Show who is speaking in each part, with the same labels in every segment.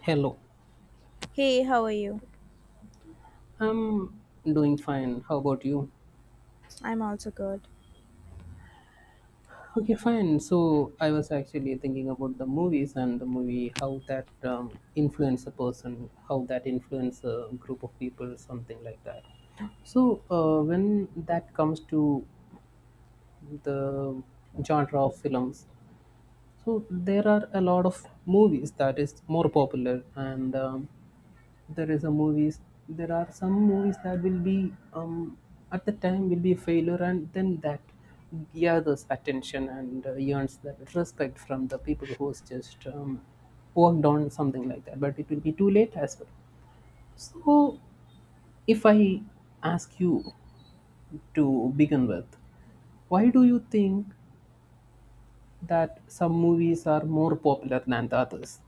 Speaker 1: Hello.
Speaker 2: Hey, how are you?
Speaker 1: I'm doing fine. How about you?
Speaker 2: I'm also good.
Speaker 1: Okay, fine. So I was actually thinking about the movies and the movie, how that influence a person, how that influence a group of people, something like that. So when that comes to the genre of films, so there are a lot of movies that is more popular and there is a movies there are some movies that will be at the time will be a failure and then that gathers attention and earns that respect from the people who's just worked on something like that, but it will be too late as well. So if I ask you, to begin with, why do you think that some movies are more popular than the others?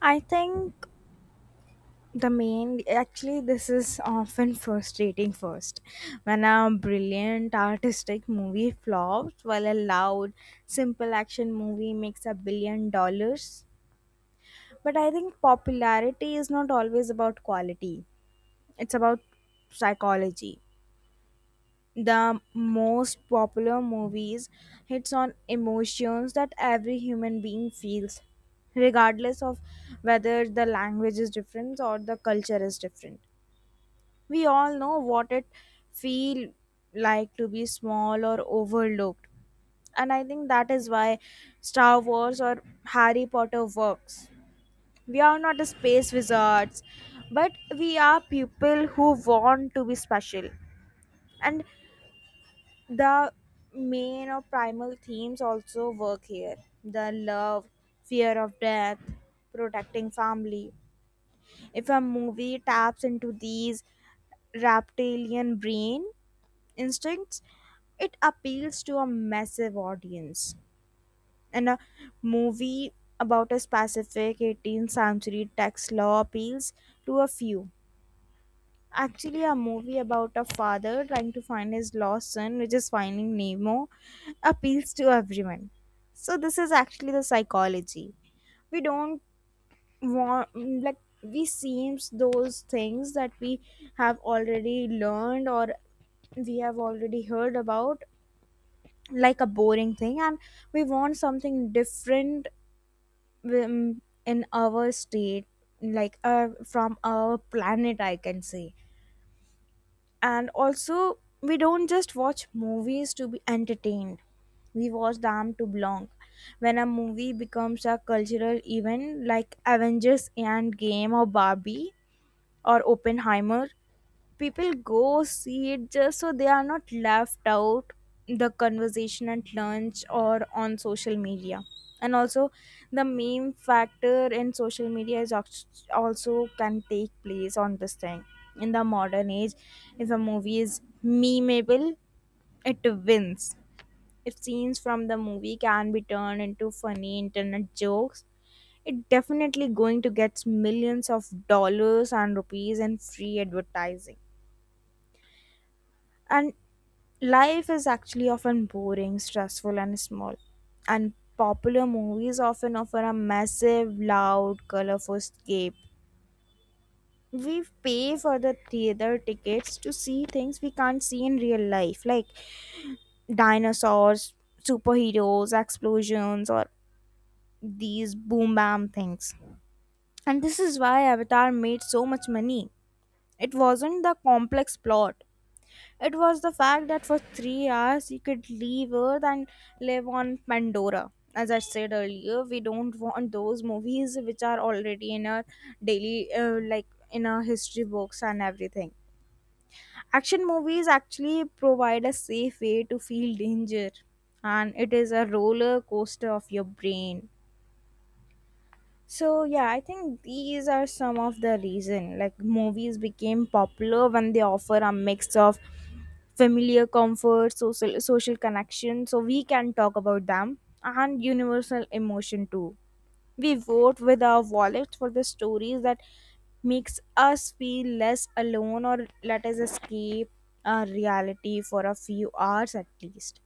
Speaker 2: I think the main, actually this is often frustrating. First, when a brilliant artistic movie flops while a loud simple action movie makes $1 billion. But I think popularity is not always about quality. It's about psychology. The most popular movies hits on emotions that every human being feels, regardless of whether the language is different or the culture is different. We all know what it feel like to be small or overlooked. And I think that is why Star Wars or Harry Potter works. We are not space wizards, but we are people who want to be special. And the main or primal themes also work here: the love, fear of death, protecting family. If a movie taps into these reptilian brain instincts, it appeals to a massive audience. And a movie about a specific 18th century tax law appeals to a few. Actually a movie about a father trying to find his lost son, which is Finding Nemo, appeals to everyone. So this is actually the psychology. We don't want, like, we seems those things that we have already learned or we have already heard about like a boring thing, and we want something different in our state, like, from our planet I can say. And also we don't just watch movies to be entertained, we watch them to belong. When a movie becomes a cultural event like Avengers and Game or Barbie or Oppenheimer, people go see it just so they are not left out the conversation at lunch or on social media. And also the main factor in social media is also can take place on this thing. In the modern age, if a movie is memeable, it wins. If scenes from the movie can be turned into funny internet jokes, it definitely going to get millions of dollars and rupees in free advertising. And life is actually often boring, stressful, and small. And popular movies often offer a massive, loud, colorful escape. We pay for the theater tickets to see things we can't see in real life, like dinosaurs, superheroes, explosions, or these boom bam things. And this is why Avatar made so much money. It wasn't the complex plot, it was the fact that for 3 hours you could leave Earth and live on Pandora. As I said earlier, we don't want those movies which are already in our daily, like, in our history books and everything. Action movies actually provide a safe way to feel danger, and it is a roller coaster of your brain. So yeah, I think these are some of the reason like movies became popular when they offer a mix of familiar comfort, social connection, so we can talk about them, and universal emotion too. We vote with our wallets for the stories that makes us feel less alone or let us escape our reality for a few hours at least.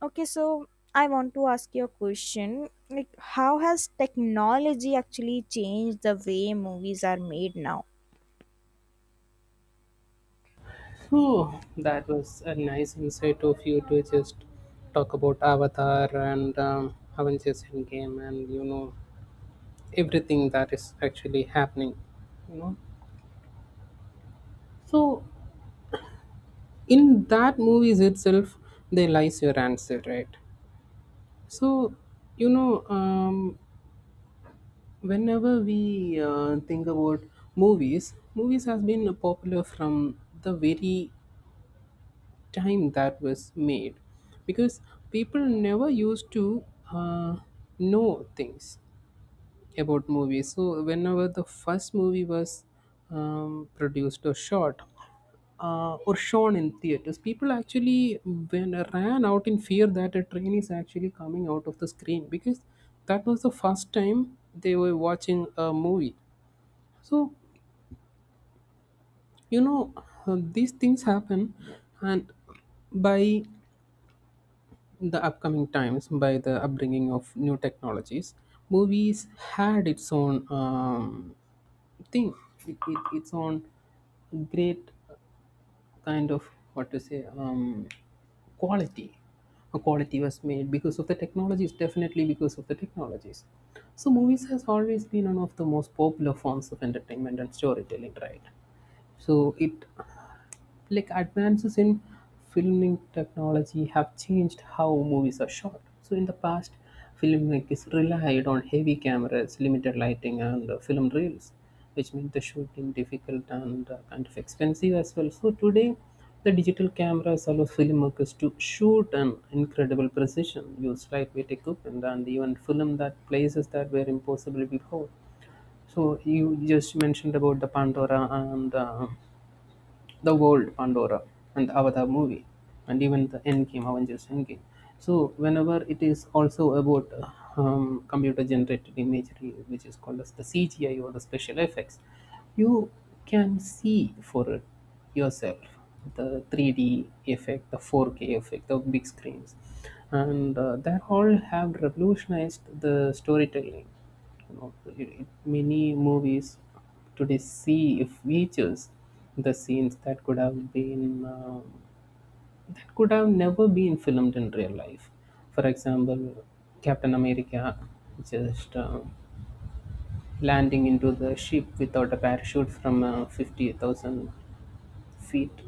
Speaker 2: Okay, so I want to ask you a question. Like, how has technology actually changed the way movies are made now?
Speaker 1: Whew, that was a nice insight of you to just talk about Avatar and Avengers Endgame, and you know everything that is actually happening. You know, so in that movies itself, there lies your answer, right? So you know, whenever we think about movies, has been popular from the very time that was made, because people never used to uh, know things about movies. So whenever the first movie was produced or shot or shown in theaters, people actually when ran out in fear that a train is actually coming out of the screen, because that was the first time they were watching a movie. So you know, these things happen. And by in the upcoming times, by the upbringing of new technologies, movies had its own thing, its own great kind of what to say quality. A quality was made because of the technologies, definitely because of the technologies. So movies has always been one of the most popular forms of entertainment and storytelling, right? So it like advances in filming technology have changed how movies are shot. So in the past, filmmaking is relied on heavy cameras, limited lighting, and film reels, which made the shooting difficult and kind of expensive as well. So today, the digital cameras allow filmmakers to shoot an incredible precision, use lightweight equipment, and even film that places that were impossible before. So you just mentioned about the Pandora and the world Pandora and the Avatar movie, and even the Endgame, Avengers Endgame. So whenever it is also about computer generated imagery, which is called as the CGI or the special effects, you can see for it yourself the 3D effect, the 4K effect, the big screens, and that all have revolutionized the storytelling. You know, many movies today, see if we choose the scenes that could have been that could have never been filmed in real life. For example, Captain America just landing into the ship without a parachute from 50,000 feet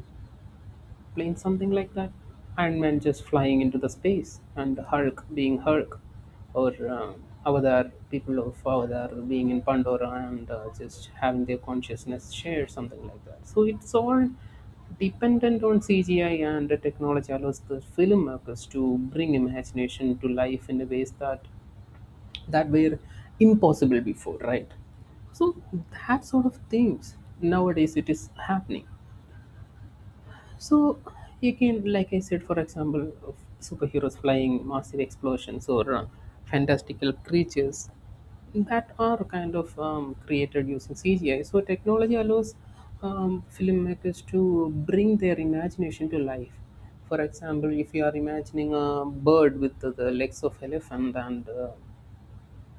Speaker 1: plane, something like that. Ant Man just flying into the space, and Hulk being Hulk, or Avatar, people of Avatar being in Pandora and just having their consciousness shared, something like that. So it's all dependent on CGI, and the technology allows the filmmakers to bring imagination to life in a ways that were impossible before, right? So that sort of things nowadays it is happening. So you can, like I said, for example, of superheroes flying, massive explosions, or fantastical creatures that are kind of created using CGI. So technology allows filmmakers to bring their imagination to life. For example, if you are imagining a bird with the legs of elephant and uh,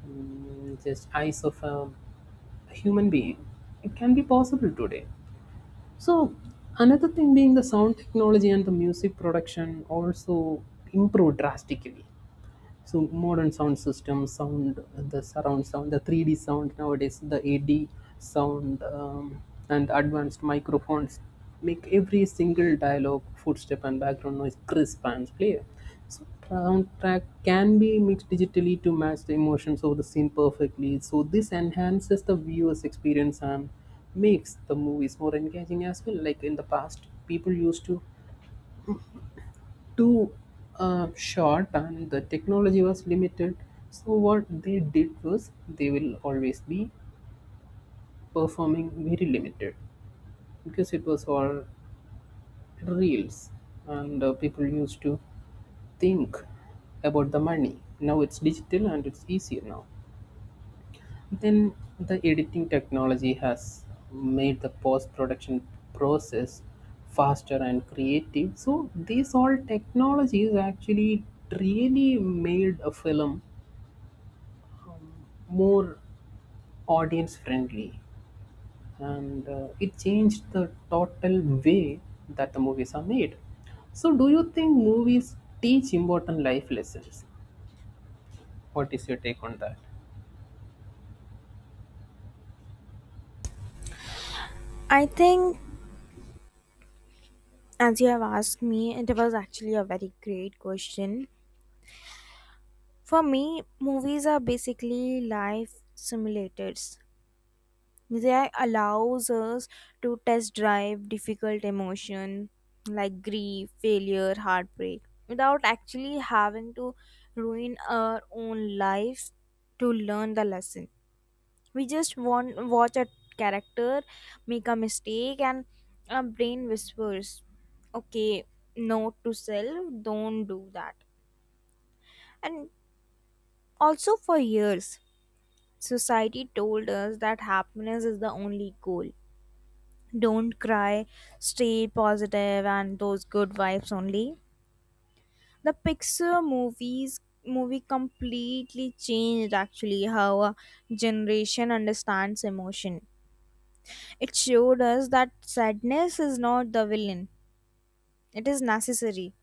Speaker 1: mm, just eyes of a human being, it can be possible today. So another thing being the sound technology and the music production also improved drastically. So modern sound systems, sound the surround sound, the 3D sound nowadays, the 8D sound, and advanced microphones make every single dialogue, footstep, and background noise crisp and clear. Soundtrack can be mixed digitally to match the emotions of the scene perfectly. So this enhances the viewer's experience and makes the movies more engaging as well. Like in the past, people used to do a shot and the technology was limited. So what they did was they will always be performing very limited, because it was all reels, and people used to think about the money. Now it's digital and it's easier now. Then the editing technology has made the post production process faster and creative. So these all technologies actually really made a film more audience friendly, and it changed the total way that the movies are made. So, do you think movies teach important life lessons? What is your take on that?
Speaker 2: I think, as you have asked me, it was actually a very great question. For me, movies are basically life simulators. They allows us to test drive difficult emotion like grief, failure, heartbreak without actually having to ruin our own lives to learn the lesson. We just want watch a character make a mistake and our brain whispers, "Okay, note to self, don't do that." And also for years society told us that happiness is the only goal. Don't cry, stay positive, and those good vibes only. The Pixar movie completely changed actually how a generation understands emotion. It showed us that sadness is not the villain. It is necessary.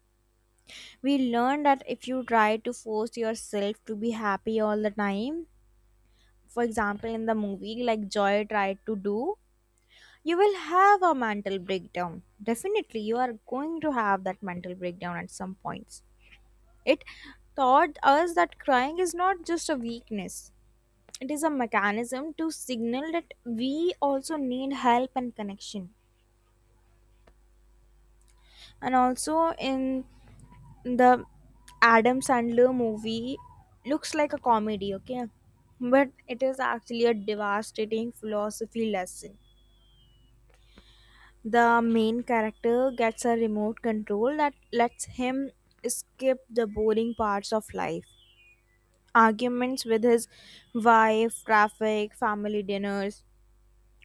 Speaker 2: We learned that if you try to force yourself to be happy all the time, for example, in the movie, like Joy tried to do, you will have a mental breakdown. Definitely you are going to have that mental breakdown at some points. It taught us that crying is not just a weakness, it is a mechanism to signal that we also need help and connection. And also, in the Adam Sandler movie, looks like a comedy, okay, but it is actually a devastating philosophy lesson. The main character gets a remote control that lets him skip the boring parts of life. Arguments with his wife, traffic, family dinners,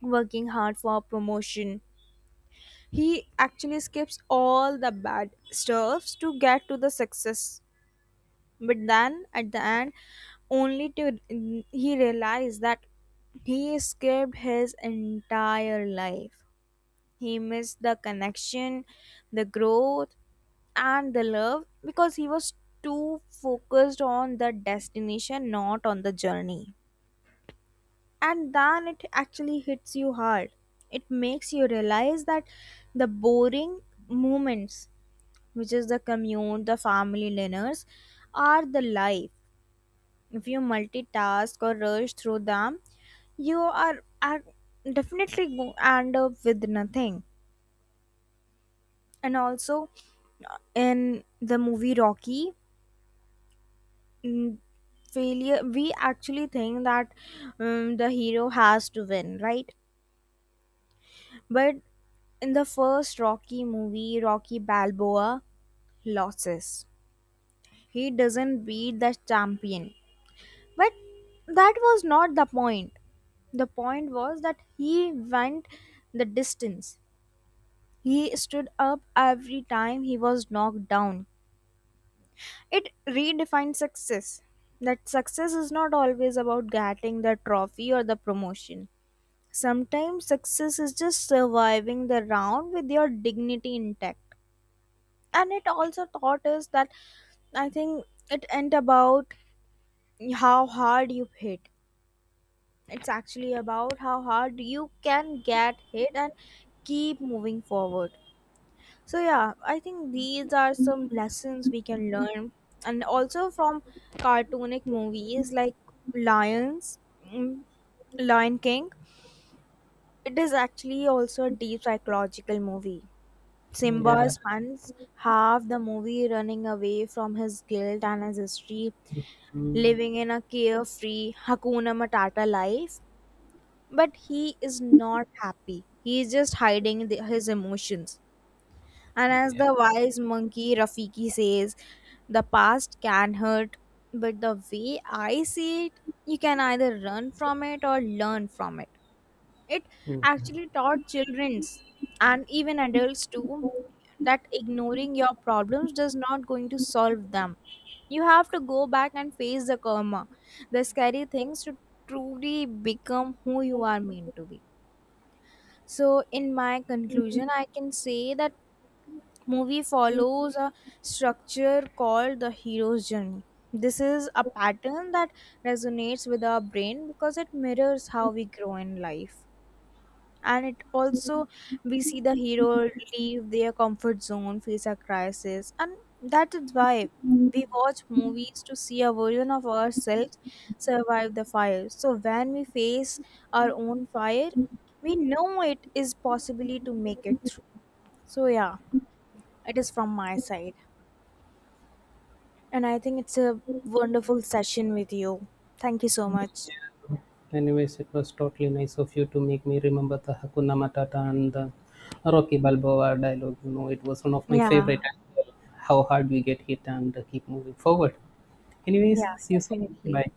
Speaker 2: working hard for a promotion. He actually skips all the bad stuffs to get to the success. But then at the end, only to, he realized that he escaped his entire life. He missed the connection, the growth, and the love because he was too focused on the destination, not on the journey. And then it actually hits you hard. It makes you realize that the boring moments, which is the commute, the family dinners, are the life. If you multitask or rush through them, you are definitely end up with nothing. And also, in the movie Rocky, mm, failure, we actually think that the hero has to win, right? But in the first Rocky movie, Rocky Balboa loses. He doesn't beat the champion, but that was not the point. The point was that he went the distance. He stood up every time he was knocked down. It redefined success, that success is not always about getting the trophy or the promotion. Sometimes success is just surviving the round with your dignity intact. And it also taught us that, I think, it ain't about how hard you hit. It's actually about how hard you can get hit and keep moving forward. So yeah, I think these are some lessons we can learn. And also from cartoonic movies like Lions, mm, Lion King. It is actually also a deep psychological movie. Simba
Speaker 1: Yeah.
Speaker 2: spends half the movie running away from his guilt and his history,
Speaker 1: mm,
Speaker 2: living in a carefree Hakuna Matata life. But he is not happy. He is just hiding his emotions. And as
Speaker 1: Yeah.
Speaker 2: the wise monkey Rafiki says, the past can hurt, but the way I see it, you can either run from it or learn from it. It actually taught childrens and even adults too that ignoring your problems does not going to solve them. You have to go back and face the karma, the scary things, to truly become who you are meant to be. So, in my conclusion, I can say that movie follows a structure called the hero's journey. This is a pattern that resonates with our brain because it mirrors how we grow in life, and it also, we see the hero leave their comfort zone, face a crisis, and that is why we watch movies to see a version of ourselves survive the fire. So when we face our own fire, we know it is possibly to make it through. So yeah, it is from my side, and I think it's a wonderful session with you. Thank you so much.
Speaker 1: Anyways, it was totally nice of you to make me remember the Hakuna Matata and the Rocky Balboa dialogue. You know, it was one of my
Speaker 2: Yeah,
Speaker 1: favorite. How hard we get hit and keep moving forward. Anyways,
Speaker 2: yeah,
Speaker 1: see you soon.
Speaker 2: definitely.
Speaker 1: Bye.